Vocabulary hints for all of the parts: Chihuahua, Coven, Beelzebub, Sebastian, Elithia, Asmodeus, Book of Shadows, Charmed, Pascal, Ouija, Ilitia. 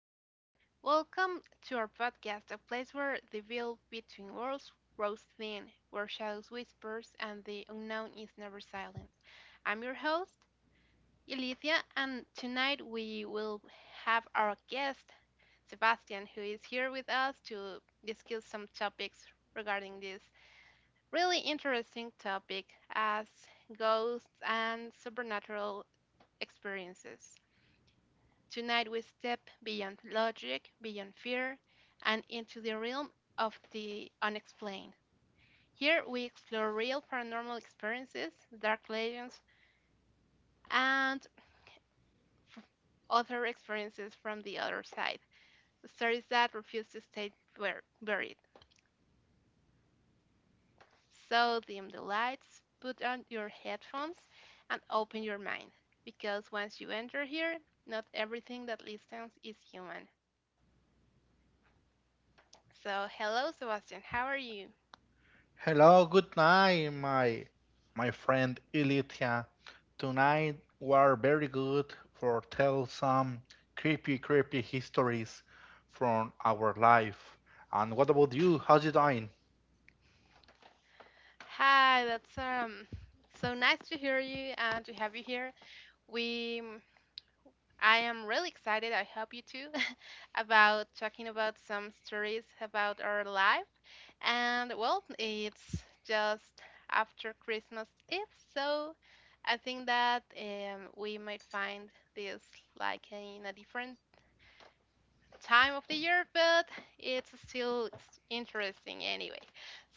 Hello, welcome to our podcast, a place where the veil between worlds grows thin, where shadows whispers and the unknown is never silent. I'm your host, Elithia, and tonight we will have our guest, Sebastian, who is here with us to discuss some topics regarding this really interesting topic as ghosts and supernatural experiences. Tonight we step beyond logic, beyond fear, and into the realm of the unexplained. Here we explore real paranormal experiences, dark legends, and other experiences from the other side. Stories that refuse to stay buried. So dim the lights, put on your headphones, and open your mind. Because once you enter here, not everything that listens is human. So, hello, Sebastian, how are you? Hello, good night, my friend Ilitia. Tonight were very good for tell some creepy, creepy histories from our life. And what about you? How's it doing? Hi, that's so nice to hear you and to have you here. We I am really excited, I hope you too, about talking about some stories about our life. And well, it's just after Christmas Eve, so I think that we might find this like in a different time of the year, but it's still interesting anyway.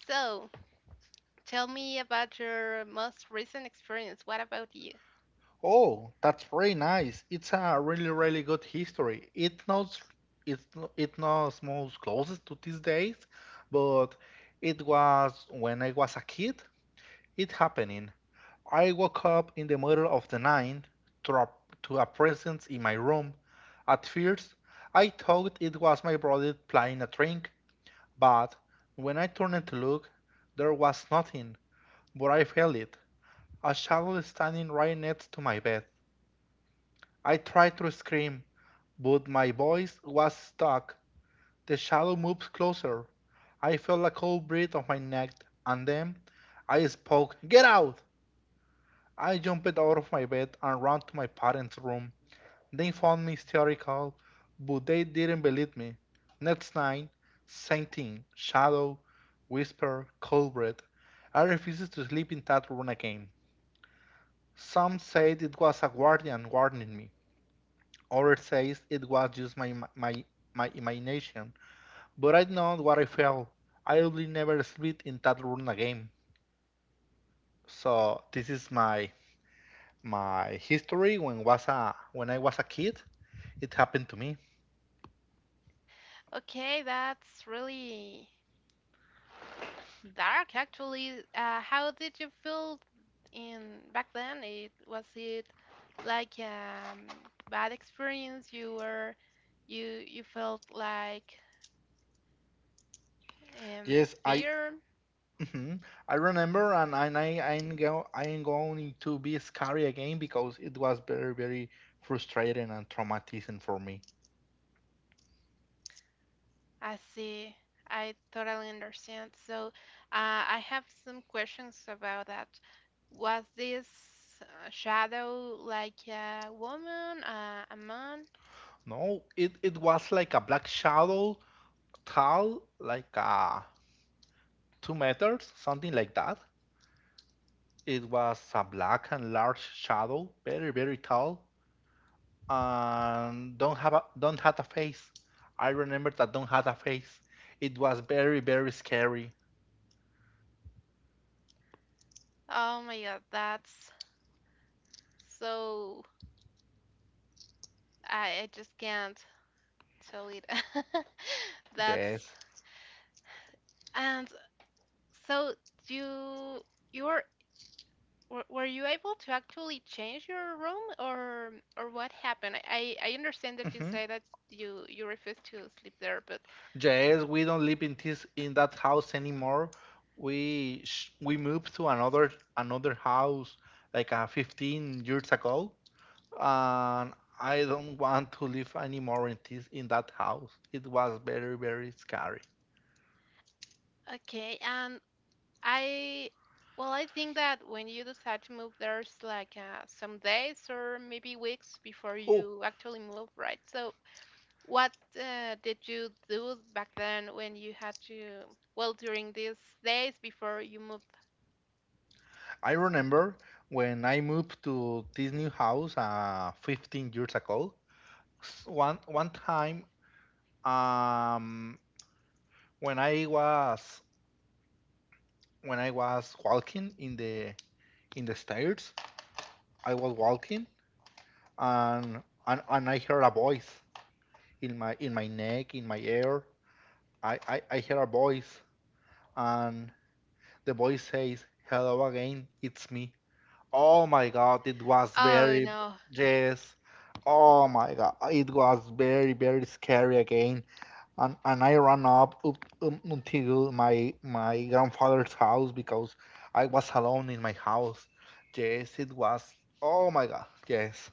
So, tell me about your most recent experience. What about you? Oh, that's very nice. It's a really, really good history. It knows it's no- it knows most closest to these days, but it was when I was a kid. It happened. I woke up in the middle of the night to a, to a presence in my room. At first, I thought it was my brother playing a trick, but when I turned to look, there was nothing, but I felt it a shadow standing right next to my bed. I tried to scream, but my voice was stuck. The shadow moved closer. I felt a cold breath on my neck, and then I spoke, "Get out!" I jumped out of my bed and ran to my parents' room. They found me hysterical, but they didn't believe me. Next night, same thing: shadow, whisper, cold breath. I refused to sleep in that room again. Some said it was a guardian warning me, others says it was just my imagination. But I know what I felt. I will never sleep in that room again. So this is my history when I was a kid. It happened to me. Okay, that's really dark actually. How did you feel in back then? It was it like bad experience you were you felt like um Yes, I fear. mhm. I remember and I ain't go I ain't going to be scary again because it was very very frustrating and traumatizing for me. I see. I totally understand. So, I have some questions about that. Was this shadow like a woman, a man? No, it was like a black shadow tall like 2 meters, something like that. It was a black and large shadow, very very tall, and don't have a face. I remember that don't have a face. It was very very scary. Oh my God, that's so. I just can't tell it. That's Yes. and so you you're Were you able to actually change your room, or what happened? I understand that you Mhm. say that you refuse to sleep there, but Yes, we don't live in this in that house anymore. We moved to another house like 15 years ago, and I don't want to live anymore in this in that house. It was very very scary. okay. And I well, I think that when you decide to move, there's like some days or maybe weeks before Oh, you actually move, right? So what did you do back then when you had to well during these days before you moved? I remember when I moved to this new house 15 years ago. One time um when I was when I was walking in the stairs I was walking and and I heard a voice in my neck, in my ear. I hear a voice and the voice says, "Hello again, it's me." Oh my god, it was Oh very no. yes. Oh my god, it was very very scary again. And I ran up, until my grandfather's house because I was alone in my house. Yes, it was. Oh my god, yes.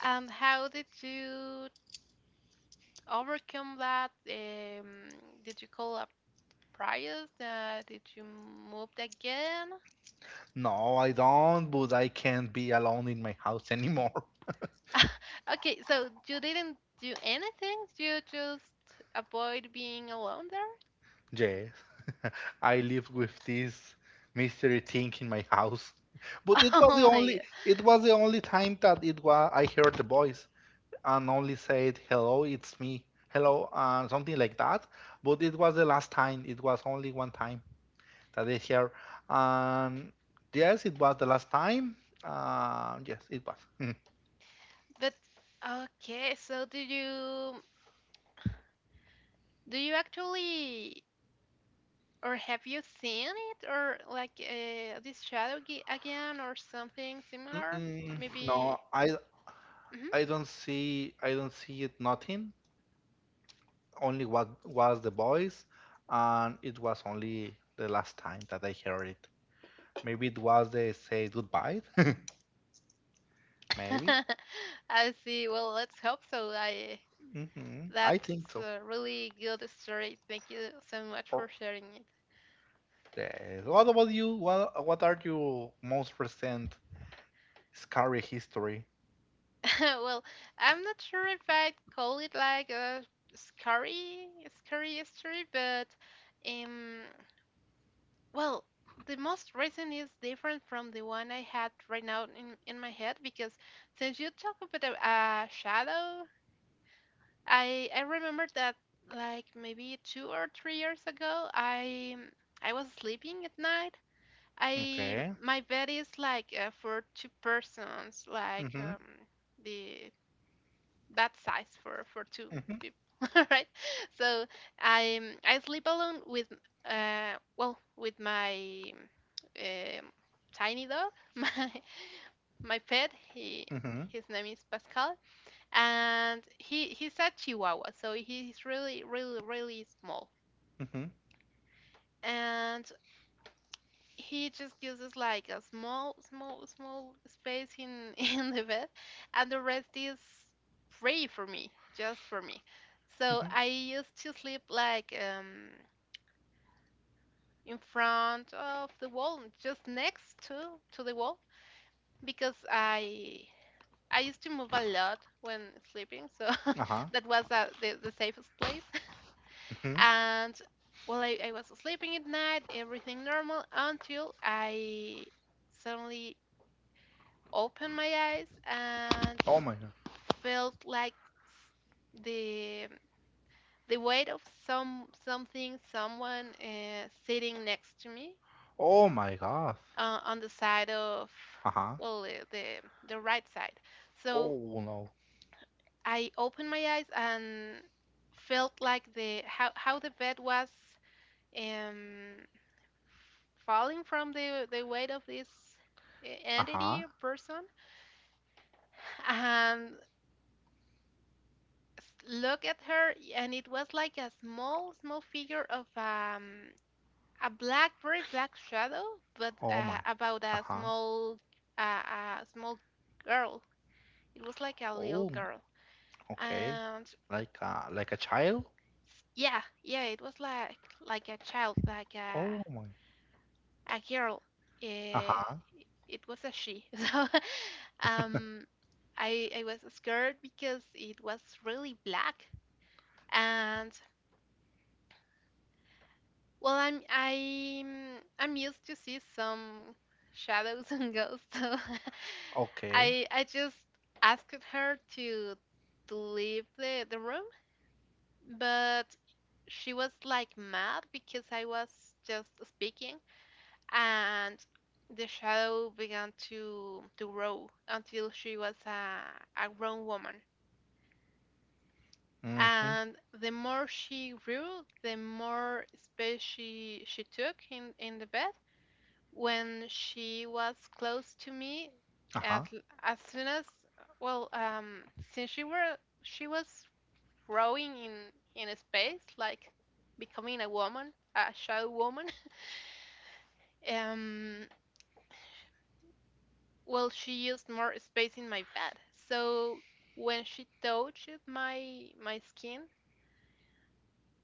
And how did you overcome that? Did you call a price? Did you moved again? No, I don't, but I can't be alone in my house anymore. Okay, so you didn't do anything. You just avoid being alone there. Yes, I live with this mystery thing in my house. But it was the Oh my god. only it was the only time that it was I heard the voice and only said, "Hello, it's me. Hello," something like that. But it was the last time. It was only one time that I heard. And yes, it was the last time. Yes, it was. But okay, so do you actually or have you seen it or like this shadow again or something similar? Mm-mm. No, Maybe. Mhm. I don't see it nothing. Only what was the voice, and it was only the last time that I heard it. Maybe it was the say goodbye. Maybe. I see. Well, let's hope so. I Hmm, I think that's so. a really good story. Thank you so much Or for sharing it. yes. What about you? What are your most recent scary history? Well, I'm not sure if I'd call it like a scary, scary story, but um, well, the most recent is different from the one I had right now in my head because since you talk about a shadow, I remember that like maybe 2 or 3 years ago, I was sleeping at night I Okay. my bed is like for two persons, like Mm-hmm. The that size for two Mm-hmm. people, right? So I I sleep alone with well with my um, tiny dog, my pet. He Mm-hmm. his name is Pascal, and he's a Chihuahua, so he's really really really small. Mm-hmm. And he just uses like a small, small, small space in in the bed, and the rest is free for me, just for me. So Mm-hmm. I used to sleep like in front of the wall, just next to the wall, because I used to move a lot when sleeping, so Uh-huh. that was the safest place. Mm-hmm. And well, I was sleeping at night, everything normal until I suddenly opened my eyes and Oh my god. felt like the weight of something someone sitting next to me Oh my god. On the side of Uh-huh. well the right side so Oh no. I opened my eyes and felt like the how the bed was um falling from the weight of this Uh-huh. entity person and look at her and it was like a small small figure of a black very black shadow but Oh my. About Uh-huh. A small girl, it was like a little Oh, girl okay. and Like a child? yeah yeah it was like a child like Oh my. a girl. Eh, Uh-huh. it was a she. So um I was scared because it was really black. And well, I'm used to see some shadows and ghosts, so Okay. I just asked her to leave the room, but she was like mad because I was just speaking, and the shadow began to grow until she was a grown woman. Mm-hmm. And the more she grew, the more space she took in the bed when she was close to me as Uh-huh. as soon as well since she was growing in a space like becoming a woman a shadow woman um well she used more space in my bed so when she touched my my skin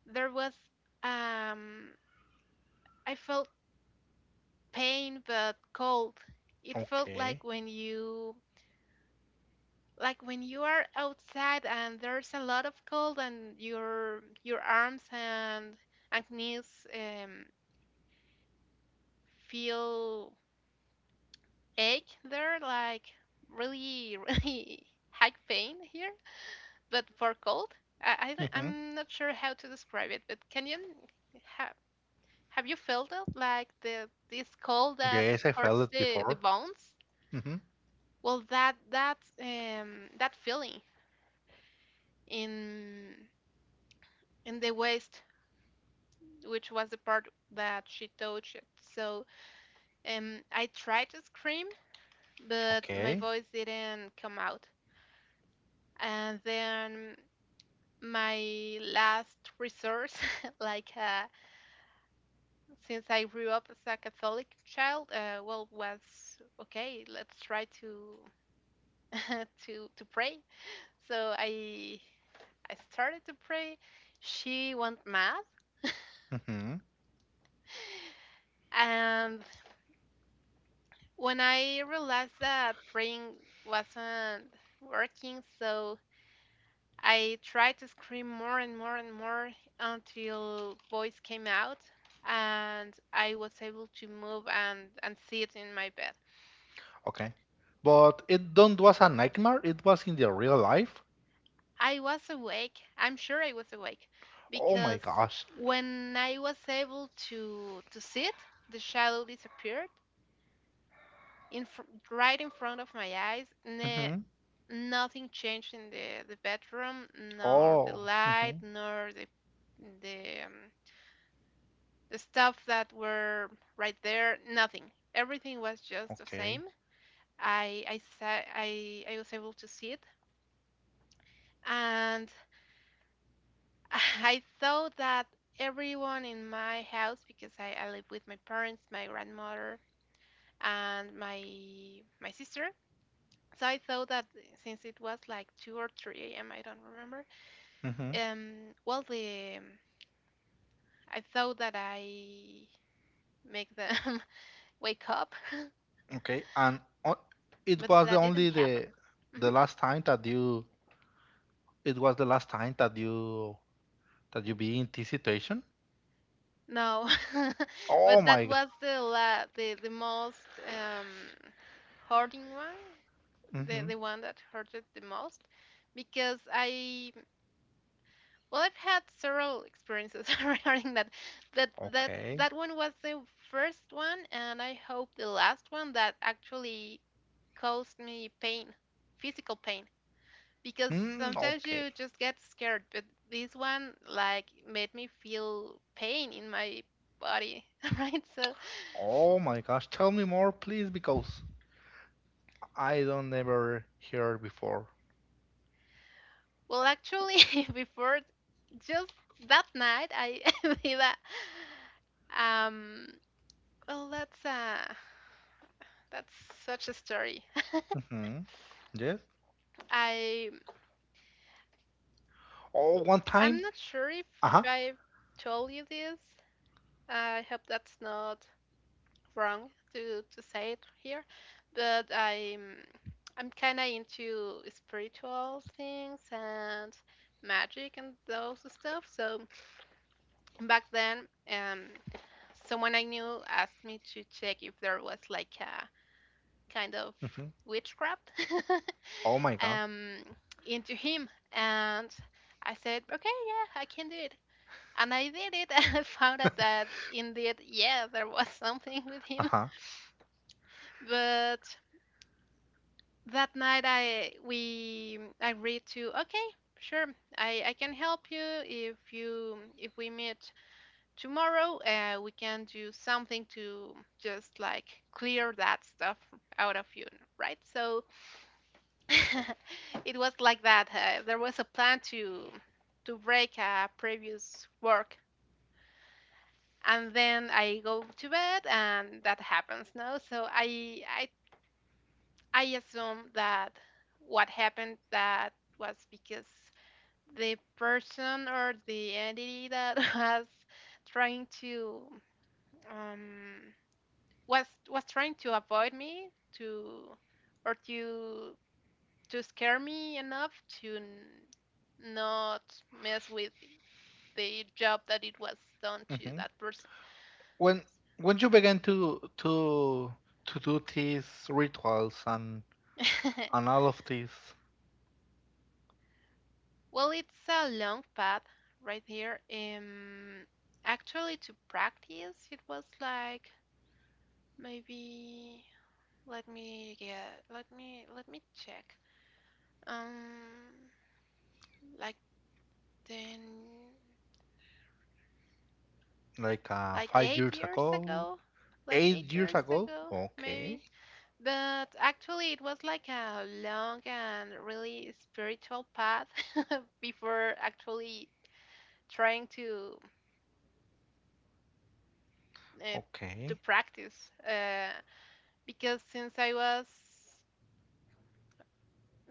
there was um I felt pain but cold. It felt Okay. Like when you are outside and there's a lot of cold and your arms and knees feel ache there like really really high pain here but for cold. Mm-hmm. I'm not sure how to describe it but can you have have you felt it like the this cold that Yes, I hurts felt it the before. bones, Mm-hmm. well that that that feeling in in the ways which was the part that she touched. So I tried to scream, but my Okay. voice didn't come out. And then my last resource, like since I grew up as a Catholic child, well, was okay. Let's try to to pray. So I started to pray. She went mad, Mm-hmm. and when I realized that praying wasn't working, so I tried to scream more and more and more until voice came out and I was able to move and sit in my bed. Okay. But it don't was a nightmare, it was in the real life. I was awake. I'm sure I was awake Oh my because gosh. when I was able to sit, the shadow disappeared in fr- right in front of my eyes. Mm-hmm. Nothing changed in the bedroom, nor the Oh. light, Mm-hmm. nor the the um, the stuff that were right there. Nothing. Everything was just the same. Okay. I was able to see it, and I thought that everyone in my house, because I live with my parents, my grandmother, and my sister. So I thought that since it was like two or three a.m., I don't remember. Mm-hmm. Well, the I thought that I make them wake up, Okay. And o it but was the that didn't only happen. Hmm. the last time that you it was the last time that you be in this situation? No, Oh but that my God. was the most hurting one, Hmm. the one that hurted the most, because I well I've had several experiences regarding that, but that Okay. that one was the first one, and I hope the last one that actually caused me pain, physical pain. Because Mm, sometimes you okay. just get scared but this one like made me feel pain in my body. Right, so Oh my gosh. Tell me more, please, because I don't ever hear it before. well actually before just that night I did a well that's such a story. Hmm. Yes. i Oh, one I'm time. not sure if Uh-huh. I've told you this. I hope that's not wrong to say it here, but I'm kind of into spiritual things and magic and those stuff. So back then, someone I knew asked me to check if there was like a kind of Hmm. witchcraft Oh my God. um into him, and I said, okay, yeah, I can do it. And I did it. I found out that indeed, yeah, there was something with him Uh-huh. but that night I agreed to okay, sure, I can help you if we meet tomorrow. We can do something to just like clear that stuff out of you, right? So it was like that. There was a plan to break a previous work. And then I go to bed, and that happens. No, so I assume that what happened that was because the person or the entity that was trying to um, was trying to avoid me to or to to scare me enough to not mess with the job that it was done to Hmm. that person. When when you began to do these rituals and all of this Well, it's a long path right here. Actually, to practice, it was like maybe let me check. Um, like then like like five eight years years ago, ago, like eight eight years years ago. ago, Okay. maybe. But actually, it was like a long and really spiritual path before actually trying uh, to Okay. practice. Uh, because since I was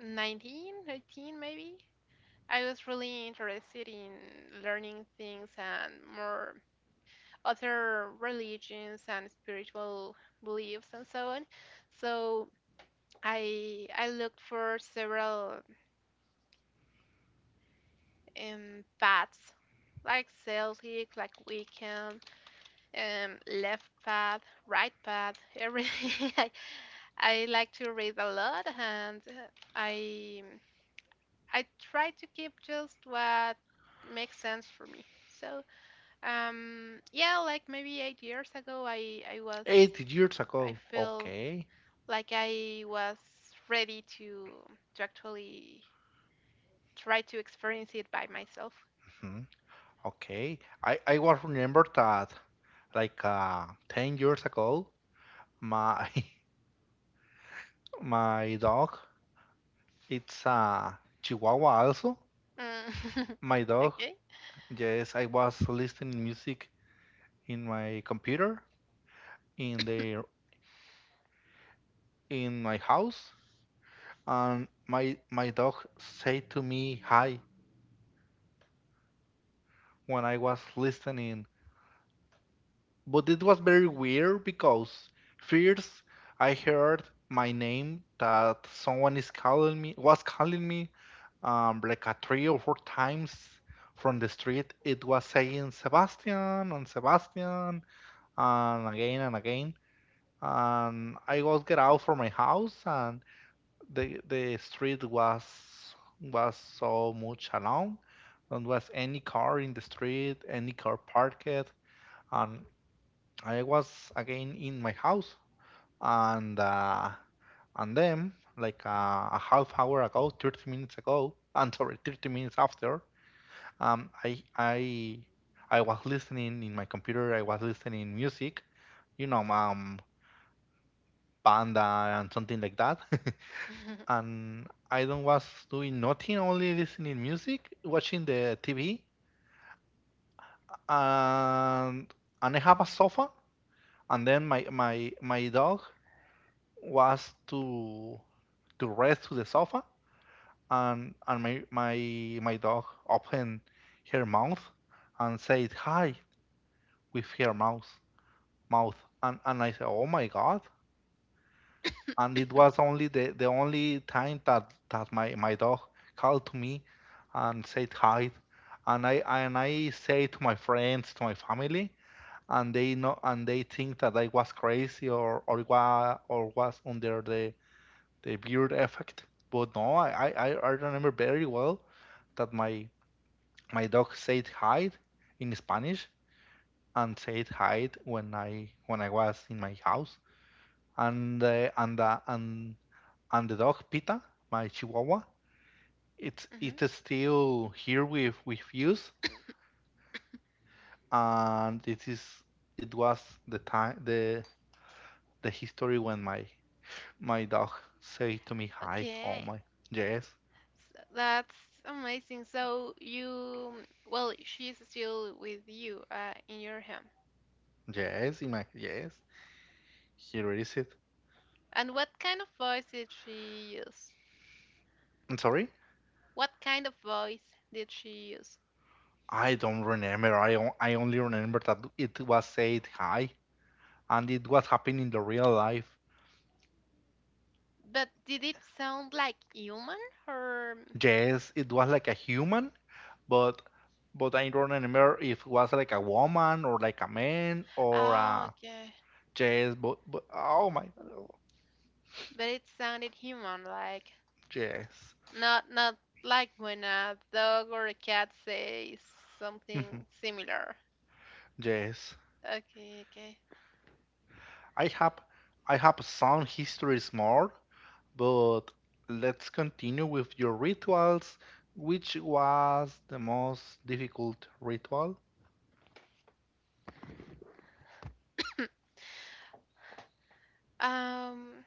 19, 18 maybe, I was really interested in learning things and more other religions and spiritual beliefs and so on. So I looked for several paths like Celtic, like Wiccan, left path, right path, everything. I like to read a lot and I I try to keep just what makes sense for me. So, yeah, like maybe 8 years ago, I was 8 years I ago. felt Okay. like I was ready to actually try to experience it by myself. Mm-hmm. Okay, I was remember that like 10 years ago, my my dog, it's a Chihuahua also. Mm. My dog, Okay. yes, I was listening music in my computer in the in my house, and my dog said to me hi when I was listening. But it was very weird because first I heard my name that someone is calling me was calling me like a three or four times from the street. It was saying Sebastian and Sebastian and again and again. And I was get out from my house and the street was so much alone. There was any car in the street, any car parked, and I was again in my house, and uh, and then like a half hour ago, 30 minutes ago, I'm sorry, 30 minutes after, um, I I I was listening in my computer. I was listening music, you know, banda and something like that, and I don't was doing nothing, only listening music, watching the TV, and and I have a sofa, and then my dog was to rest to the sofa and my dog opened her mouth and said hi with her mouth and I said oh my god and it was only the only time that that my dog called to me and said hi and I and I say to my friends to my family and they know and they think that I was crazy or or was under the beard effect. But no, I remember very well that my dog said hide in Spanish and said hide when I was in my house. And uh, and uh, and and the dog Pita, my Chihuahua, Mhm. it is still here with us, and it was the time the history when my dog said to me hi. Oh Okay. my yes So that's amazing. So you, well, she's still with you in your home. yes in my yes here it is it. And what kind of voice did she use? I'm sorry? What kind of voice did she use? I don't remember. I, I only remember that it was said hi and it was happening in the real life. But did it sound like human or Yes, it was like a human, but but I don't remember if it was like a woman or like a man or oh, a okay. yes, but oh my oh, But it sounded human like, yes. not not like when a dog or a cat says something Mhm, similar. Yes. Okay, okay. I have I have some histories more, but let's continue with your rituals. Which was the most difficult ritual? Um,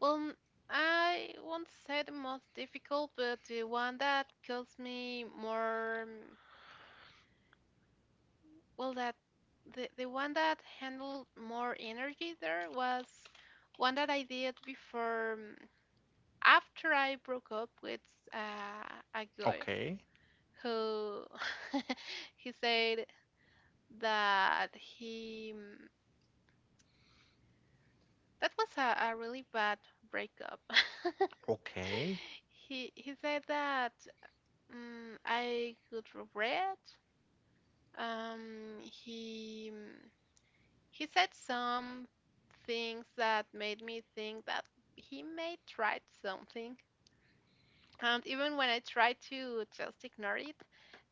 well, I won't say the most difficult, but the one that caused me more well, that the one that handled more energy there was one that I did before after I broke up with a guy Okay. who he said that he that was a really bad breakup. Okay. He said that I could regret. He he said some things that made me think that he may try something. And even when I tried to just ignore it,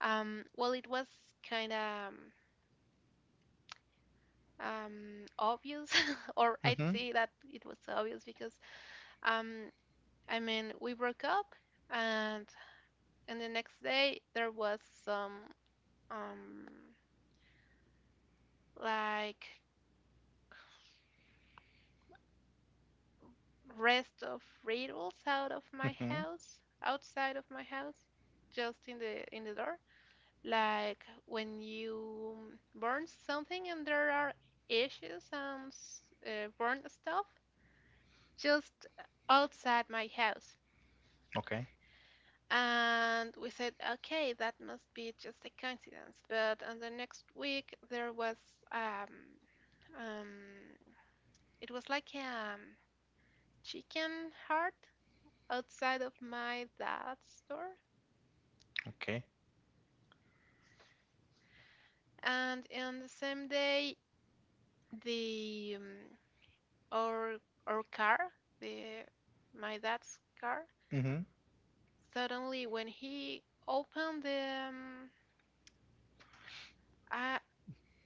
well, it was kind of obvious, or I'd Mm-hmm. say that it was obvious because, um, I mean, we broke up, and the next day there was some, um, like, rest of riddles out of my Mm-hmm. house, outside of my house, just in the door. Like when you burn something and there are ashes and burn stuff just outside my house. Okay. And we said, okay, that must be just a coincidence. But on the next week, there was um, um, it was like a um, chicken heart outside of my dad's door, Okay. and on the same day the our our car the my dad's car Mm-hmm. suddenly when he opened the I,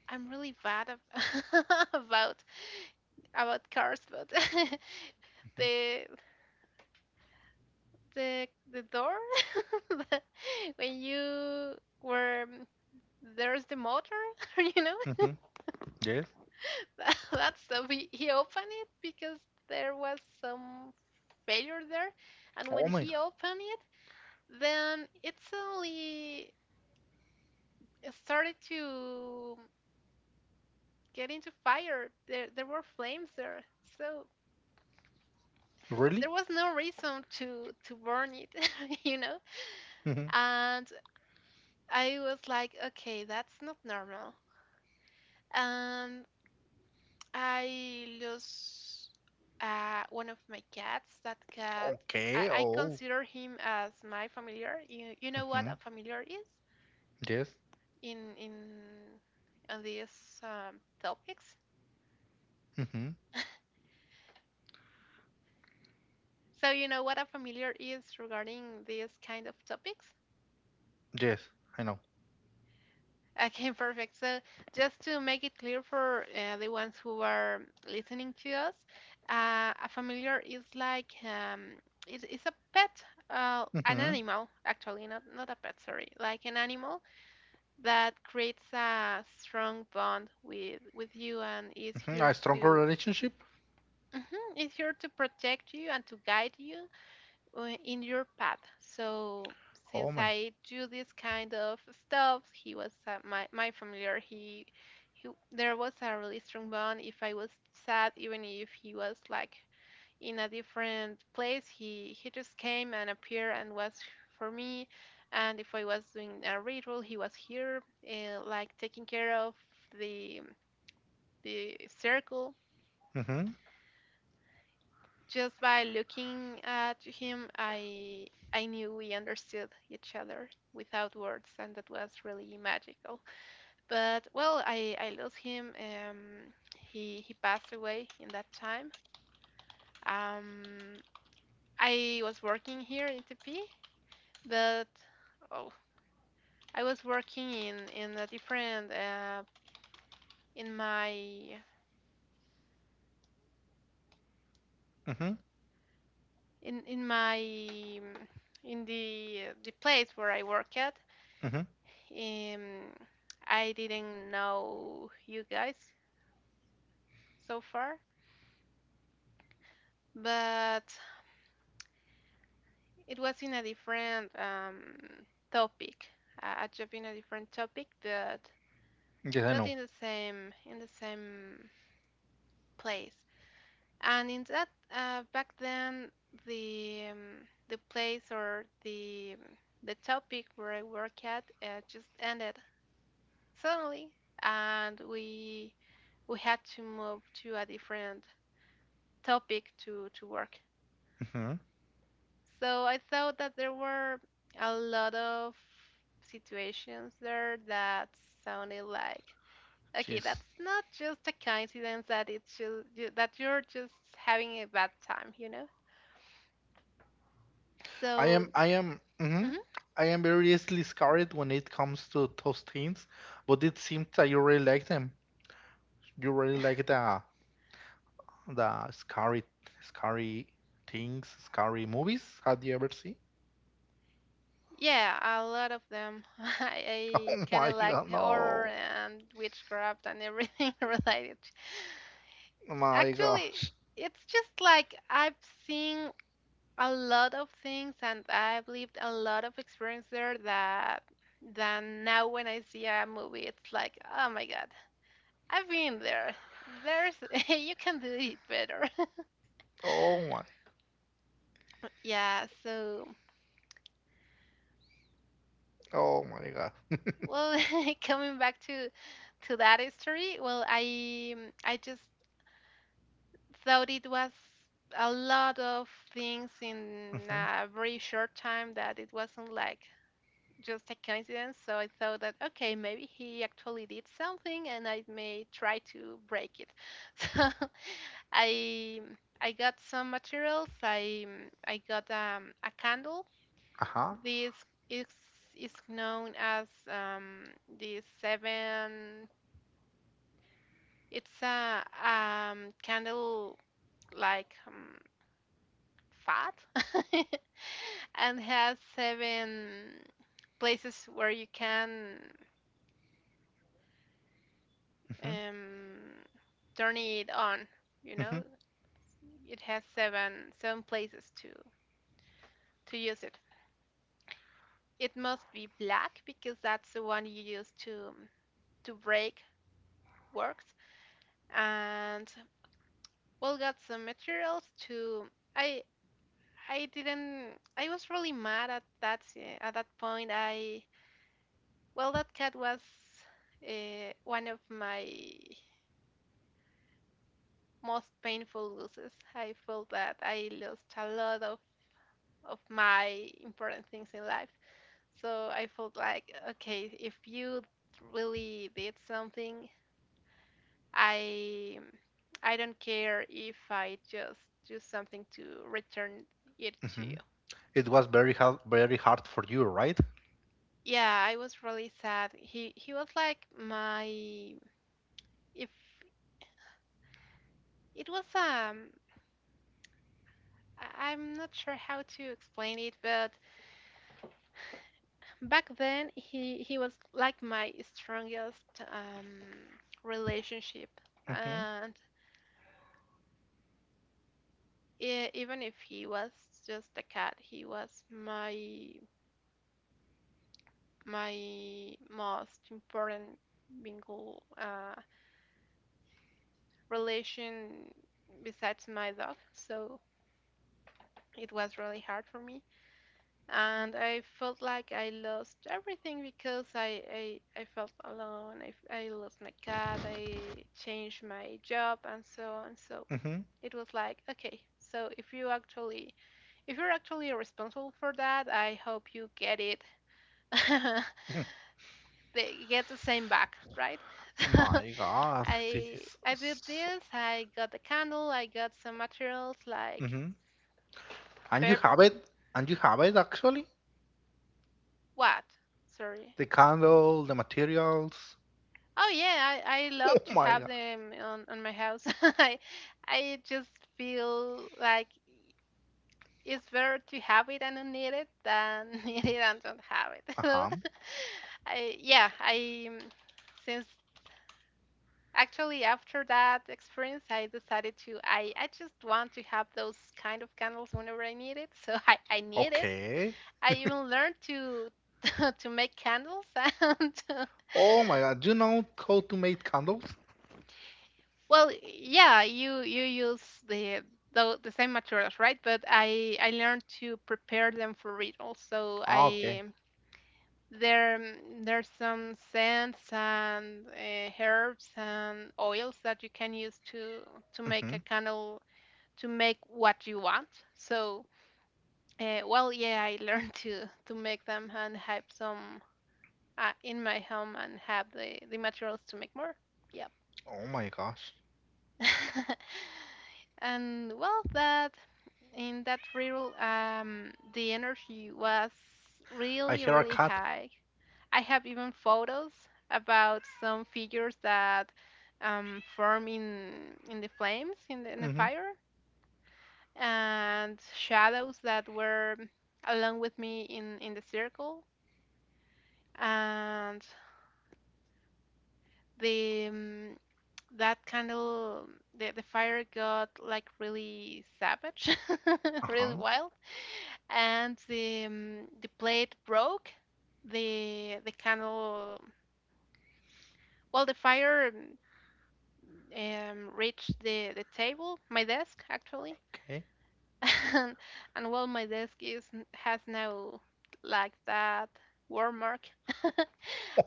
I'm really bad about about cars, but Mm-hmm. the the door, when you were there's the motor, you know. Mm-hmm. Yes. That's so, he opened it because there was some failure there, and when Oh my he God. opened it, then it suddenly started to get into fire. There were flames there, so Really? there was no reason to burn it, you know. Mm-hmm. And I was like, okay, that's not normal. And I lose one of my cats. That cat, Okay. I Oh. consider him as my familiar. You know what Mm-hmm. a familiar is Yes. In on these topics. Mm-hmm. So you know what a familiar is regarding these kind of topics. Yes. I know. Okay, perfect. So, just to make it clear for the ones who are listening to us, a familiar is like it, it's a pet, an Mm-hmm. animal actually, not not a pet, sorry, like an animal that creates a strong bond with you and is Mm-hmm. here A stronger to, relationship? mhm, is here to protect you and to guide you in your path. So Oh since my. I do this kind of stuff, he was my my familiar. He there was a really strong bond. If I was sad, even if he was like in a different place, he just came and appeared and was for me. And if I was doing a ritual, he was here, like taking care of the circle. Mm-hmm. Just by looking at him, I knew we understood each other without words, and that was really magical. But well, I lost him. He passed away in that time. Um, I was working here in TP, but oh, I was working in a different in my Mm-hmm. In my um, in the place where I work at. Mm-hmm. Um, I didn't know you guys so far, but it was in a different topic, a job in a different topic, but Yes, I know. In the same place. And in that back then, the place or the topic where I work at just ended suddenly, and we had to move to a different topic to work. Mm-hmm. So I thought that there were a lot of situations there that sounded like, okay, Yes. that's not just a coincidence, that it's just that you're just having a bad time, you know. So, I am. Mm-hmm. mhm. I am very easily scarred when it comes to those things, but it seems that you really like them. You really like the scary, scary things, scary movies. Have you ever seen? Yeah, a lot of them. I Oh kind my of like god, the horror no! and witchcraft and everything related. Oh my Actually, gosh! it's just like I've seen a lot of things and I've lived a lot of experience there, that then now when I see a movie it's like, oh my god, I've been there. There's you can do it better. Oh my! Yeah, so Oh my god! well, coming back to that history, well, I just thought it was a lot of things in Mm-hmm. a very short time, that it wasn't like just a coincidence. So I thought that, okay, maybe he actually did something and I may try to break it. So I I got some materials. I got a candle. Uh-huh. This is is known as the seven. It's a candle like fat and has seven places where you can Mm-hmm. um, turning it on. You know, it has seven places to use it. It must be black because that's the one you use to break works. And well, got some materials to. I I didn't. I was really mad at that point. I well, that cat was one of my most painful losses. I felt that I lost a lot of my important things in life. So I felt like, okay, if you really did something, I I don't care if I just do something to return it Mm-hmm. to Hmm. you. It was very hard for you, right? Yeah, I was really sad. He was like my if it was I'm not sure how to explain it, but back then he was like my strongest relationship, Mm-hmm. and even if he was just a cat, he was my my most important bingo relation besides my dog. So it was really hard for me, and I felt like I lost everything because I felt alone. I lost my cat. I changed my job, and so on. So Mm-hmm. it was like, okay, so if you actually if you're actually responsible for that, I hope you get it, they get the same back, right? So My god, this I is I did so. this. I got the candle. I got some materials like Mm-hmm. And you per have it, actually. what? Sorry. The candle, the materials. Oh yeah, I love Oh to my have god. them on my house. I just feel like it's better to have it and don't need it than need it and don't have it. Uh-huh. So I yeah I since actually, after that experience, I decided to, I just want to have those kind of candles whenever I need it. So I need it. Okay. I even learned to to make candles and Oh my god, do you know how to make candles? well, yeah, you use the the same materials, right? But I learned to prepare them for rituals. So Ah, okay. I there there's some scents and herbs and oils that you can use to make Mm-hmm. a candle to make what you want. So, well, yeah, I learned to make them and have some in my home and have the materials to make more. Yep. Oh my gosh. And well, that, in that reel, the energy was I really hear a really cat. high. I have even photos about some figures that form in the flames in the Mm-hmm. fire and shadows that were along with me in the circle, and the that candle, the fire got like really savage, really Uh-huh. wild, and the plate broke, the candle, well the fire reached the table, my desk actually. Okay. and, and well, my desk is has now like that war mark.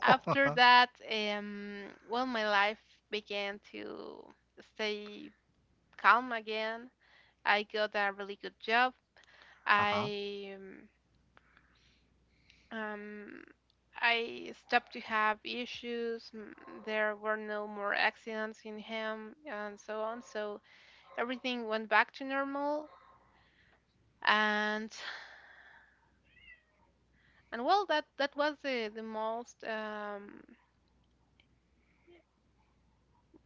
After that, well, my life began to stay calm again. I got a really good job. Uh-huh. I um, um, I stopped to have issues. There were no more accidents in him, and so on. So everything went back to normal. And and well, that that was the most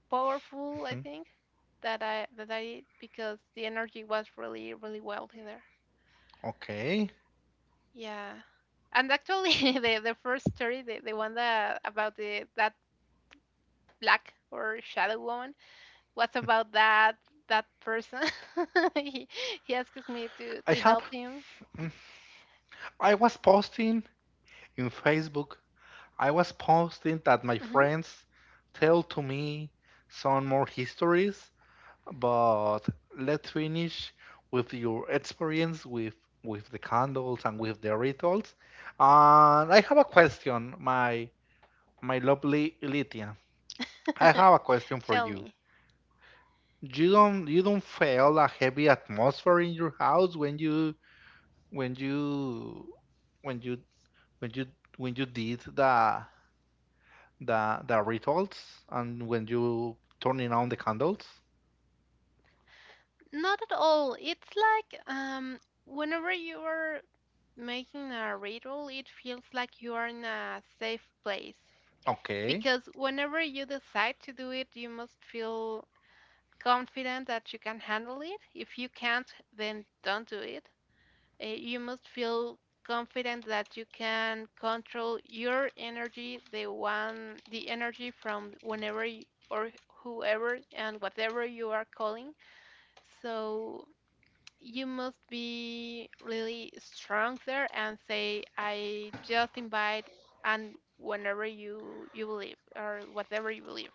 powerful I Hmm. think that I did because the energy was really really wealthy there. Okay. Yeah. And actually, the first story, the one that about the that black or shadow woman, was Mm-hmm. about that that person. he, he asks me to I have. help him. Mm, I was posting in Facebook. I was posting that my Hmm. friends tell to me some more histories, but let's finish with your experience with the candles and with the rituals. And I have a question. My lovely Lydia, I have a question for Tell you. me. You don't feel a heavy atmosphere in your house when you when you when you when you did the rituals and when you turning on the candles? Not at all. It's like whenever you are making a ritual, it feels like you are in a safe place, Okay, because whenever you decide to do it, you must feel confident that you can handle it. If you can't, then don't do it. You must feel confident that you can control your energy, the one, the energy from whenever you, or whoever and whatever you are calling. So you must be really strong there and say, I just invite, and whenever you believe or whatever you believe,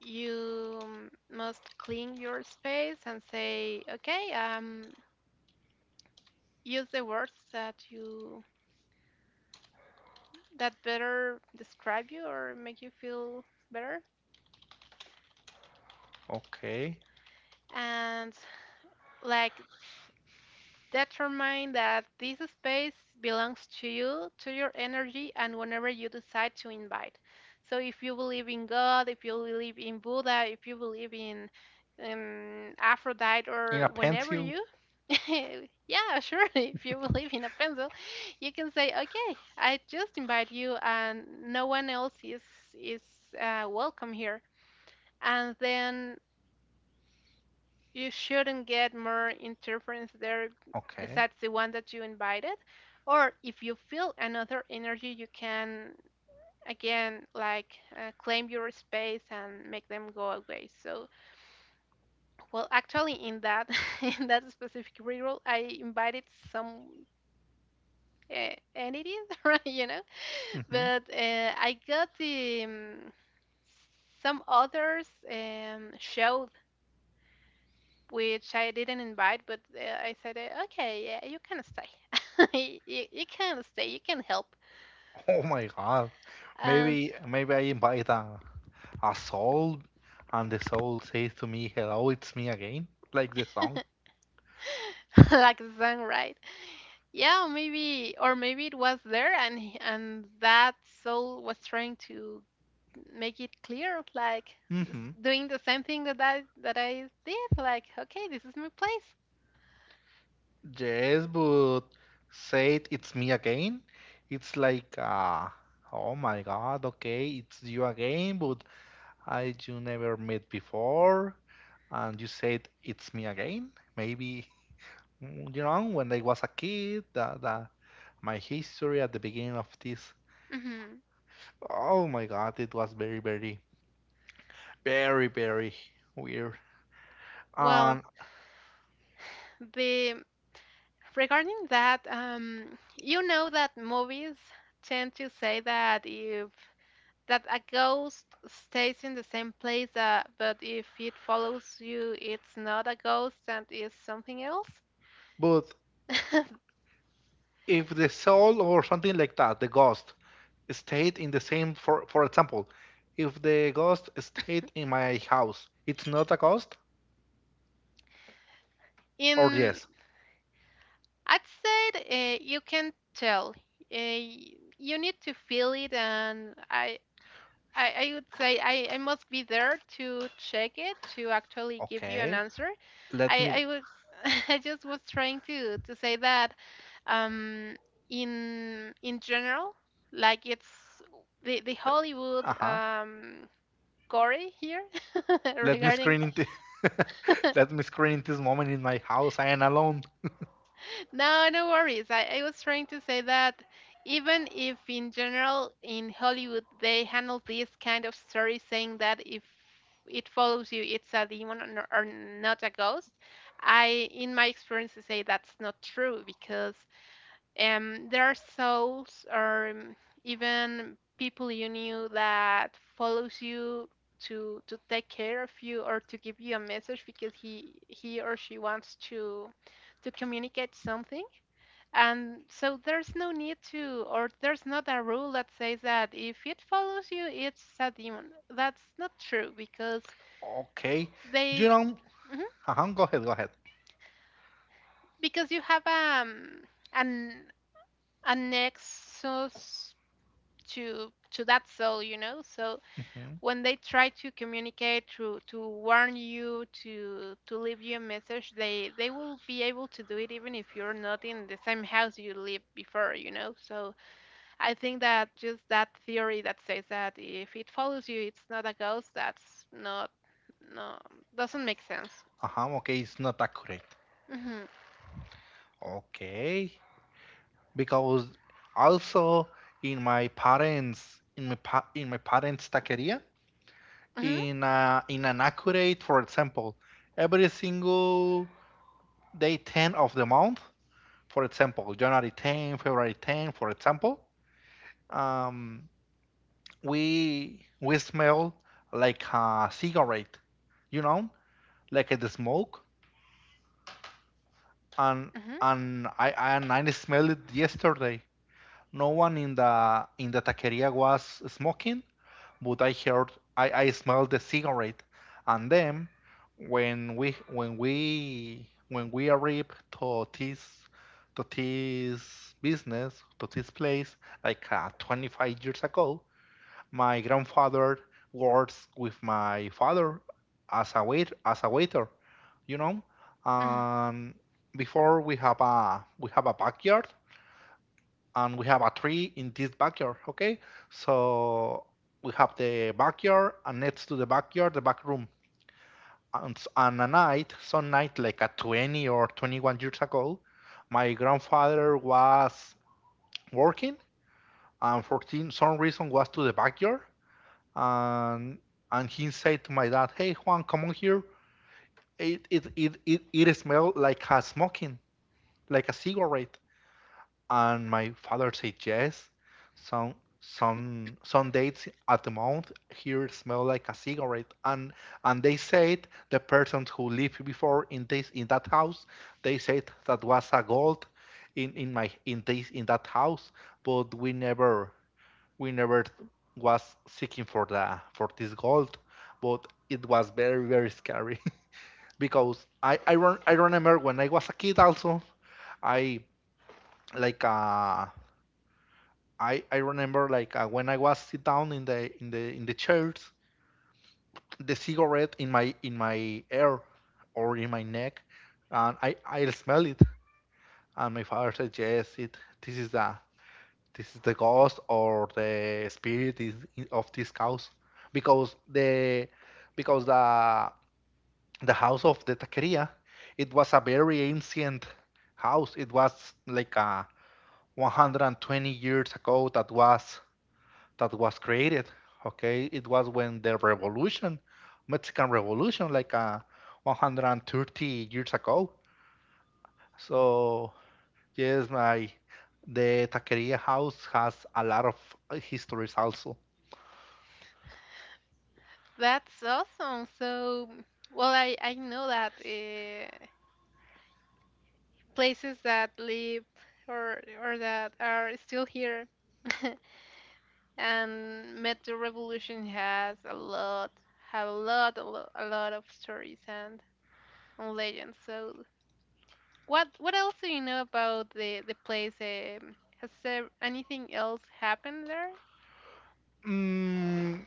you must clean your space and say, okay, use the words that better describe you or make you feel better, okay. and like determine that this space belongs to you, to your energy, and whenever you decide to invite. So if you believe in God, if you believe in Buddha, if you believe in Aphrodite, or In a whenever pencil? you yeah, sure. If you believe in a pencil, you can say, "Okay, I just invite you, and no one else is welcome here." And then you shouldn't get more interference there Okay. besides the one that you invited. Or if you feel another energy, you can again, like, claim your space and make them go away. So, well, actually, in that in that specific reroll, I invited some. And it is right, you know. Hmm. But uh, I got the some others showed, which I didn't invite, but I said, okay, yeah, you can stay. You can stay. You can help. Oh my God. And Maybe maybe I invite a soul and the soul says to me, "Hello, it's me again," like the song. like the song, right? Yeah, maybe, or maybe it was there, and and that soul was trying to make it clear, like this, Hmm. doing the same thing that I did. Like, okay, this is my place. Yes, but said it's me again. It's like, oh my God, okay, it's you again, but I you never met before, and you said it's me again. Maybe, mm, you know, when I was a kid, my history at the beginning of this. Mm-hmm. Oh my God, it was very, very, very, very weird. Well, And the regarding that, you know that movies tend to say that if that a ghost stays in the same place, but if it follows you, it's not a ghost and is something else. but if the soul or something like that, the ghost stayed in the same for example, if the ghost stayed in my house, it's not a ghost or In yes? I'd say, you can tell. Uh, you need to feel it, and I would say I must be there to check it to actually give you an Okay. answer. Let I, me I was I just was trying to say that, um in general, like, it's the Hollywood, Uh-huh. Gory here Let me regarding. screen in into Let me screen in this moment in my house. I am alone. No, no worries. I was trying to say that even if in general in Hollywood they handle this kind of story saying that if it follows you, it's a demon, or not a ghost, I, in my experience, I say that's not true because there are souls, or even people you knew that follows you to take care of you or to give you a message because he or she wants to communicate something, and so there's no need to, or there's not a rule that says that if it follows you, it's a demon. That's not true because Okay. they. You know Mhm. uh-huh, go ahead, go ahead. Because you have an a nexus to that soul. So Hmm. when they try to communicate to warn you, to leave you a message, they will be able to do it even if you're not in the same house you lived before. So I think that just that theory that says that if it follows you, it's not a ghost, that's not. No, doesn't make sense. Uh-huh, okay, it's not accurate. Mhm. Okay. Because also in my parents, in my parents taqueria, Mhm. in an accurate, for example, every single day 10 of the month, for example, January 10, February 10, for example, um, we smell like a cigarette, you know, like the smoke, and Mhm. I smelled it yesterday. No one in the taqueria was smoking, but I smelled the cigarette, and then when we arrived to this, to this business, to this place, like 25 years ago. My grandfather works with my father as a waiter, you know Mhm. and before, we have a backyard, and we have a tree in this backyard, okay? So we have the backyard, and next to the backyard, the back room. And a night, some night, like at 20 or 21 years ago, my grandfather was working, and for some reason was to the backyard, and he said to my dad, "Hey Juan, come on here. It smells like a smoking, like a cigarette." And my father said yes. Some some dates at the month here smell like a cigarette, and they said the person who lived before in this, in that house. They said that was a gold in my, in this, in that house, but we never, we never was seeking for the for this gold, but it was very, very scary because I remember when I was a kid also. I, like, I remember, like, when I was sit down in the chairs, the cigarette in my hair or in my neck, and I smell it, and my father said, "Yes, it this is the this is the ghost, or the spirit is of this house, because the, because the house of the taqueria, it was a very ancient house. It was like a 120 years ago that was created. Okay, it was when the revolution, Mexican Revolution, like 130 years ago." So yes, my the taqueria house has a lot of histories also. That's awesome. So, well, I know that, places that live or that are still here, and Metro Revolution has a lot, have a lot, a lot, a lot of stories and legends. So, what else do you know about the place? Has there anything else happened there? Mm,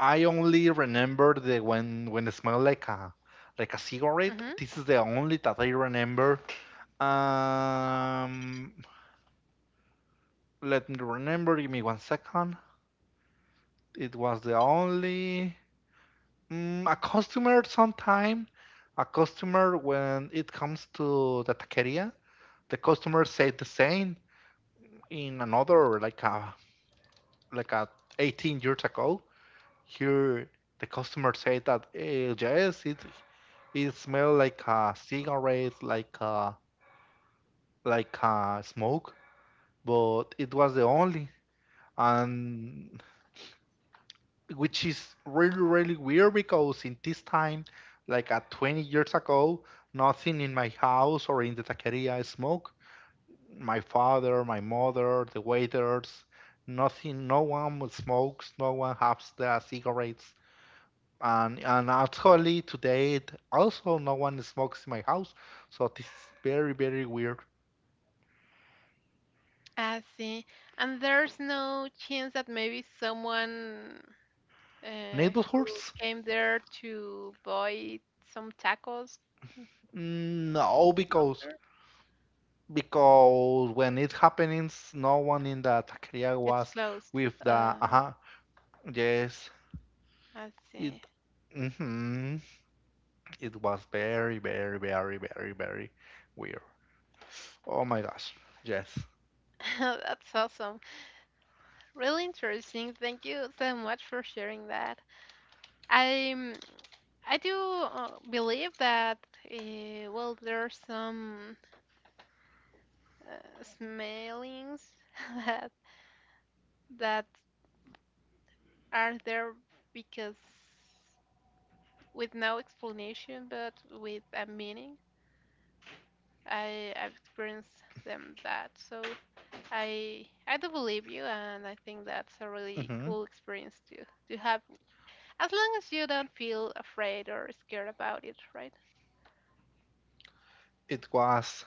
I only remember the when it smelled like a, cigarette. Mm-hmm. This is the only that I remember. Um, Let me remember. Give me one second. It was the only. A customer sometime, a customer, when it comes to the taqueria, the customer said the same in another, like a, like a 18 years ago. Here the customer said that yes, it smelled like a cigarette, like a, smoke, but it was the only. And which is really, really weird because in this time, like at 20 years ago, nothing in my house or in the taqueria is smoke. My father, my mother, the waiters, nothing, no one smokes, no one has the cigarettes, and actually today also no one smokes in my house, so this is very, very weird. I see. And there's no chance that maybe someone, who Neighborhoods. came there to buy some tacos. Mm, no, because After? When it happens, no one in the taqueria It's was closed. with the Uh, uh-huh. Yes, I see. it hmm it was very, very, very, very, very weird. Oh my gosh, yes. That's awesome. Really interesting. Thank you so much for sharing that. I I do, believe that, well, there's some, smellings that that are there because, with no explanation, but with a meaning. I've experienced them, that, so I do believe you, and I think that's a really hmm cool experience to have, as long as you don't feel afraid or scared about it, right? It was,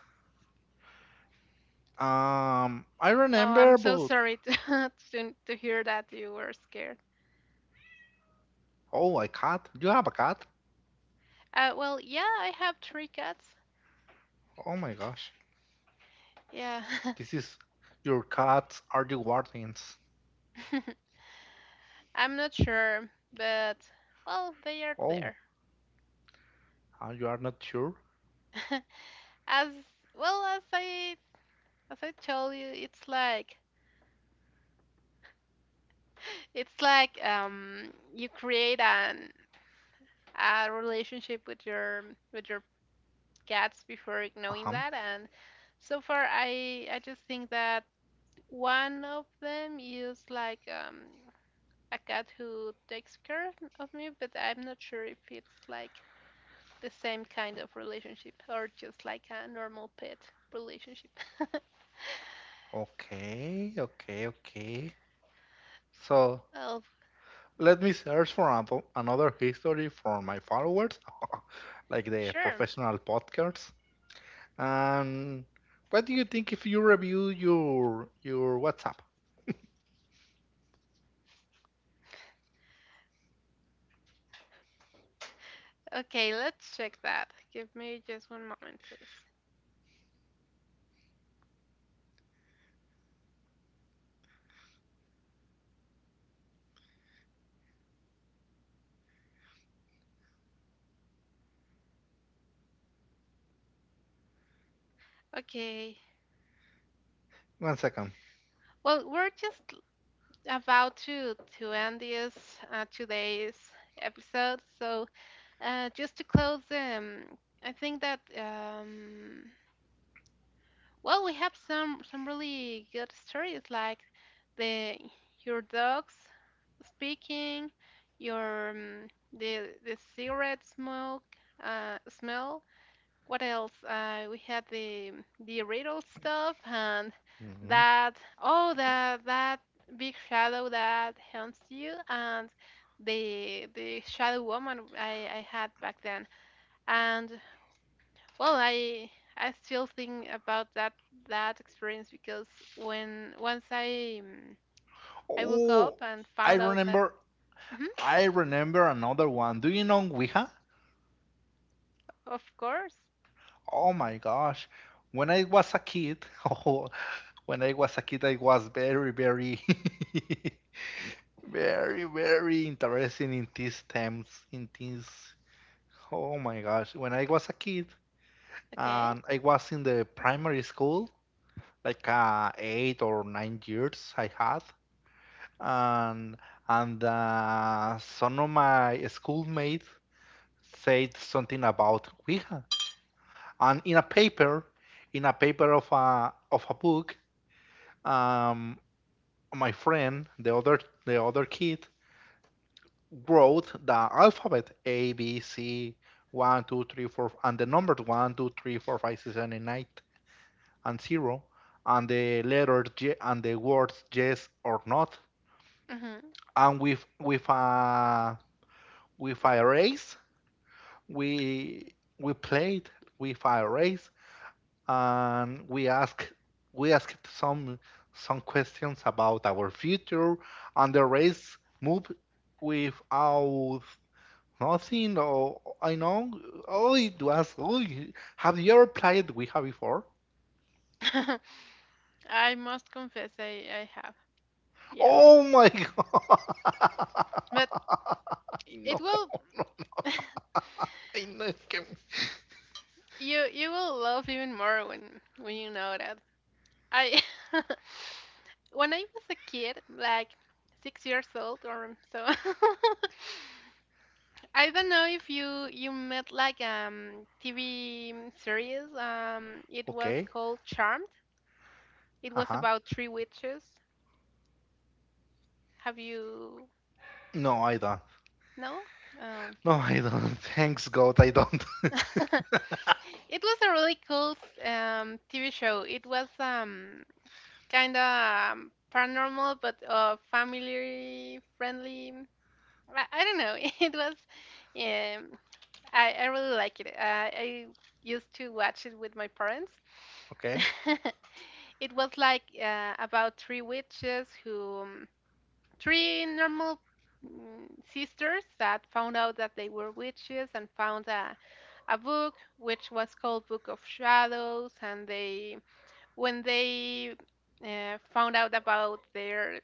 I Oh, remember I'm so but, sorry to to hear that you were scared. oh my cat. You have a cat? Well, yeah, I have three cats. Oh my gosh. Yeah. This is Your cats are the guardians. I'm not sure, but well, they are Oh, there. You are not sure? As well as I told you, it's like it's like, you create an a relationship with your cats before knowing Uh-huh. that, and so far I just think that one of them is like, a cat who takes care of me, but I'm not sure if it's like the same kind of relationship or just like a normal pet relationship. Okay, okay, okay. So, Oh, let me search for another history for my followers, like the sure. professional podcasts. And what do you think if you review your WhatsApp? Okay, let's check that. Give me just one moment, please. Okay. One second. Well, we're just about to end this, today's episode. So, just to close, I think that, well, we have some really good stories, like the your dogs speaking, your the cigarette smoke, smell. What else? We had the riddle stuff, and Mhm. that big shadow that haunts you, and the shadow woman I had back then, and, well, I still think about that experience because when once I woke up Oh, and I found out that. remember. Mhm, I remember another one. Do you know Ouija? of course. Oh my gosh. When I was a kid, oh, when I was a kid, I was very, very, very, very interested in these themes, in these, oh my gosh. When I was a kid, Okay. and I was in the primary school, like 8 or 9 years I had, and some of my schoolmates said something about Ouija. And in a paper, of a, book, um, my friend, the other kid, wrote the alphabet A B C, 1 2 3 4, and the numbers 1 2 3 4 5 6 7 8 9, and 0, and the letter J, and the words yes or not. Hmm. And with, with a race, we we played with a race, and we asked some, questions about our future, and the race moved without nothing. Or I know, oh, it was. Oh, have you ever played Ouija before? I must confess I have, yeah, Oh my god! but I it know, will I know. It can you will love even more when you know that I. When I was a kid, like, 6 years old or so. I don't know if you met, like, TV series. It was okay. called Charmed. It Uh was huh. about three witches. Have you? No, I don't. No? Oh. No, I don't. Thanks God, I don't. It was a really cool, TV show. It was, kind of, paranormal, but family friendly. I don't know. It was, um, I really like it. I used to watch it with my parents. Okay. It was like, about three witches three normal, sisters that found out that they were witches and found a book which was called Book of Shadows. when they found out about their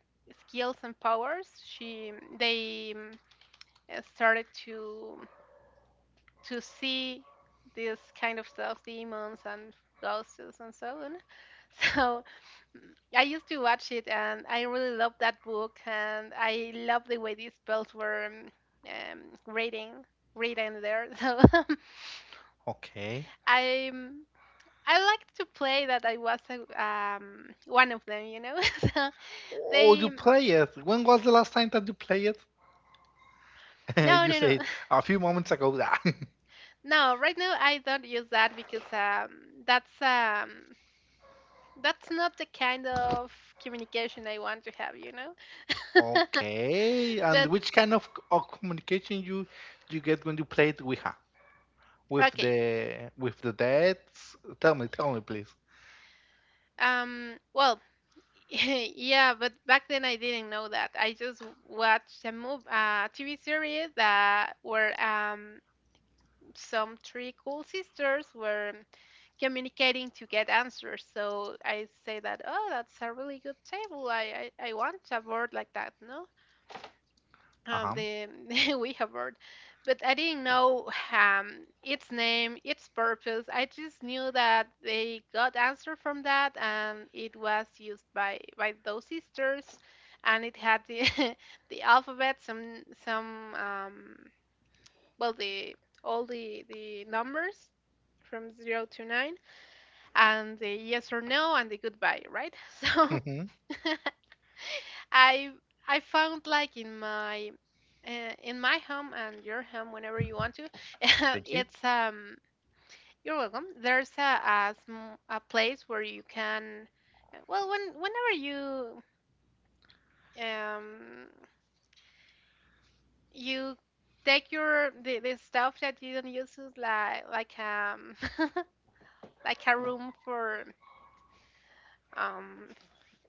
skills and powers, they started to see this kind of stuff, demons and ghosts and so on. So, mm, I used to watch it, and I really loved that book, and I loved the way these spells were, um, reading, reading there. So Okay. I I liked to play that I was one of them. so Oh, you they. play it. When was the last time that you play it? No, You no, no. said a few moments ago. No, right now I don't use that because, that's um, That's not the kind of communication I want to have, you know? Okay. And But which kind of, communication you, get when you play it with, with okay. the, dead? Tell me, please. Well, yeah, but back then I didn't know that. I just watched a movie, a TV series that where some three cool sisters were communicating to get answers. So I say that, oh, that's a really good table. I want a board like that, no? Uh huh. the the Ouija board, but I didn't know, its name, its purpose. I just knew that they got answer from that, and it was used by those sisters, and it had the the alphabet, some well, the all the numbers from zero to nine, and the yes or no, and the goodbye, right? So Mm-hmm. I I found, like, in my home, and your home whenever you want to. Thank you. It's you're welcome. There's a place where you can, well, whenever you, um you take the stuff that you don't use, is like like a room um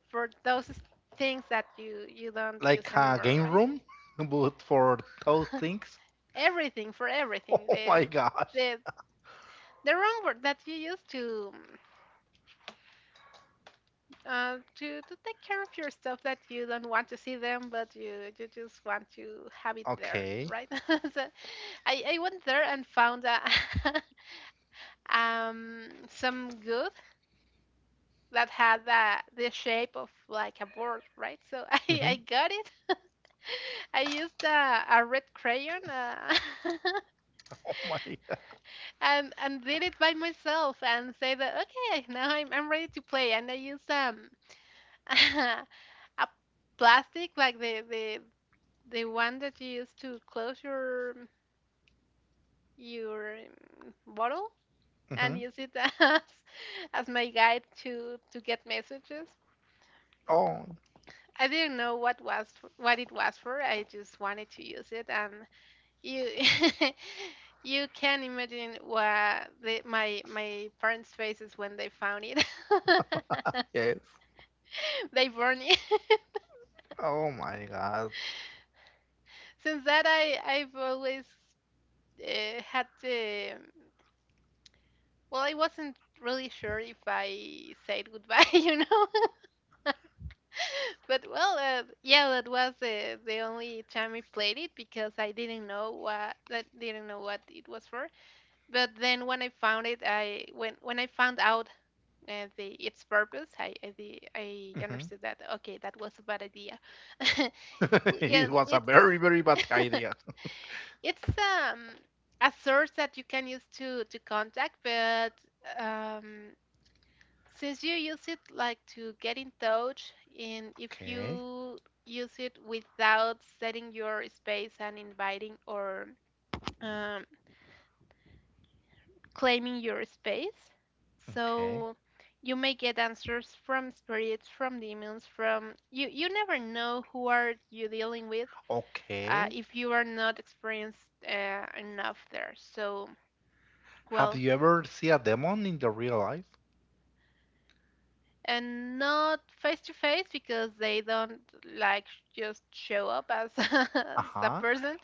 for those things that you don't use Like a anymore, game right? room, but for those things. Everything for everything. Oh my gosh. the the wrong word that you use to take care of your stuff that you don't want to see them, but you just want to have it there, Okay. right? So I went there and found, um some good that had the shape of like a board, right? So I Mhm. got it. I used a red crayon. Oh my god. And did it by myself and said that, okay, now I'm ready to play, and I used, a plastic, like, the one that you use to close your bottle, and Mhm. use it as my guide to get messages. Oh, I didn't know what it was for. I just wanted to use it, and you you can imagine what the, my parents' faces when they found it. yes. They burned it. Oh my god. Since that, I've always, had the well, I wasn't really sure if I said goodbye, you know. But well, yeah, that was the only time I played it, because I didn't know what it was for. But then when I found it, I when I found out, the its purpose, I Mhm. understood that, okay, that was a bad idea. Well, It and was a it's very, very bad idea. it's um a source that you can use to contact, but um Since you use it like to get in touch, and if Okay. you use it without setting your space and inviting, or, um, claiming your space, Okay. so you may get answers from spirits, from demons, from you. You never know who are you dealing with, Okay. if you are not experienced enough there. So, Have well, you ever seen a demon in the real life? and not face to face because they don't, like, just show up as a Uh-huh. person,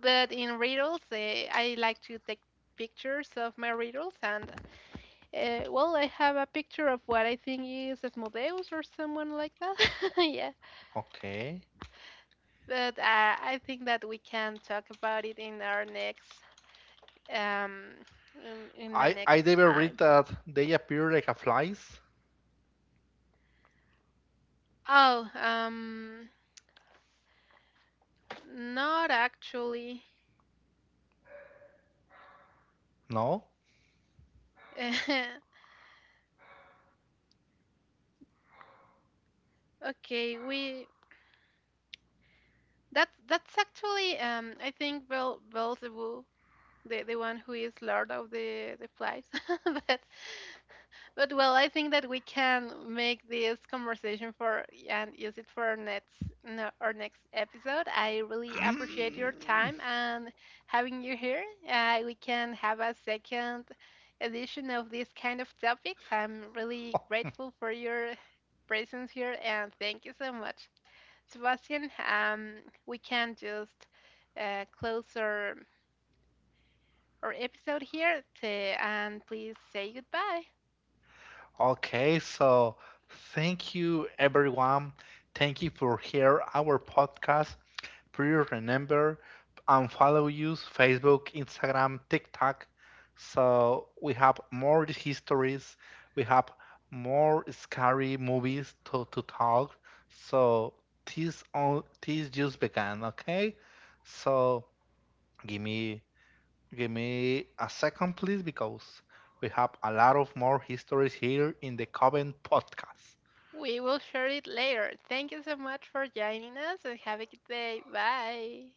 but in riddles, I like to take pictures of my riddles, and, well, I have a picture of what I think is Asmodeus or someone like that. Yeah, Okay. but, I think that we can talk about it um in the I next I never read time. that they appear like a flies. Oh, not actually. No? Okay, we that's actually, I think, Bel Beelzebub, the one who is Lord of the Flies. But but well, I think that we can make this conversation for and use it for our next, no, our next episode. I really appreciate Mm. your time and having you here. We can have a second edition of this kind of topics. I'm really grateful for your presence here, and thank you so much. Sebastian. We can just, close our episode here to, and please say goodbye. Okay, so thank you everyone. Thank you for hear our podcast. Please remember and follow use Facebook, Instagram, TikTok. So we have more histories, we have more scary movies to, talk. So this all this just began, okay? So give me give me a second please because we have a lot of more histories here in the Coven podcast. We will share it later. Thank you so much for joining us and have a good day. Bye.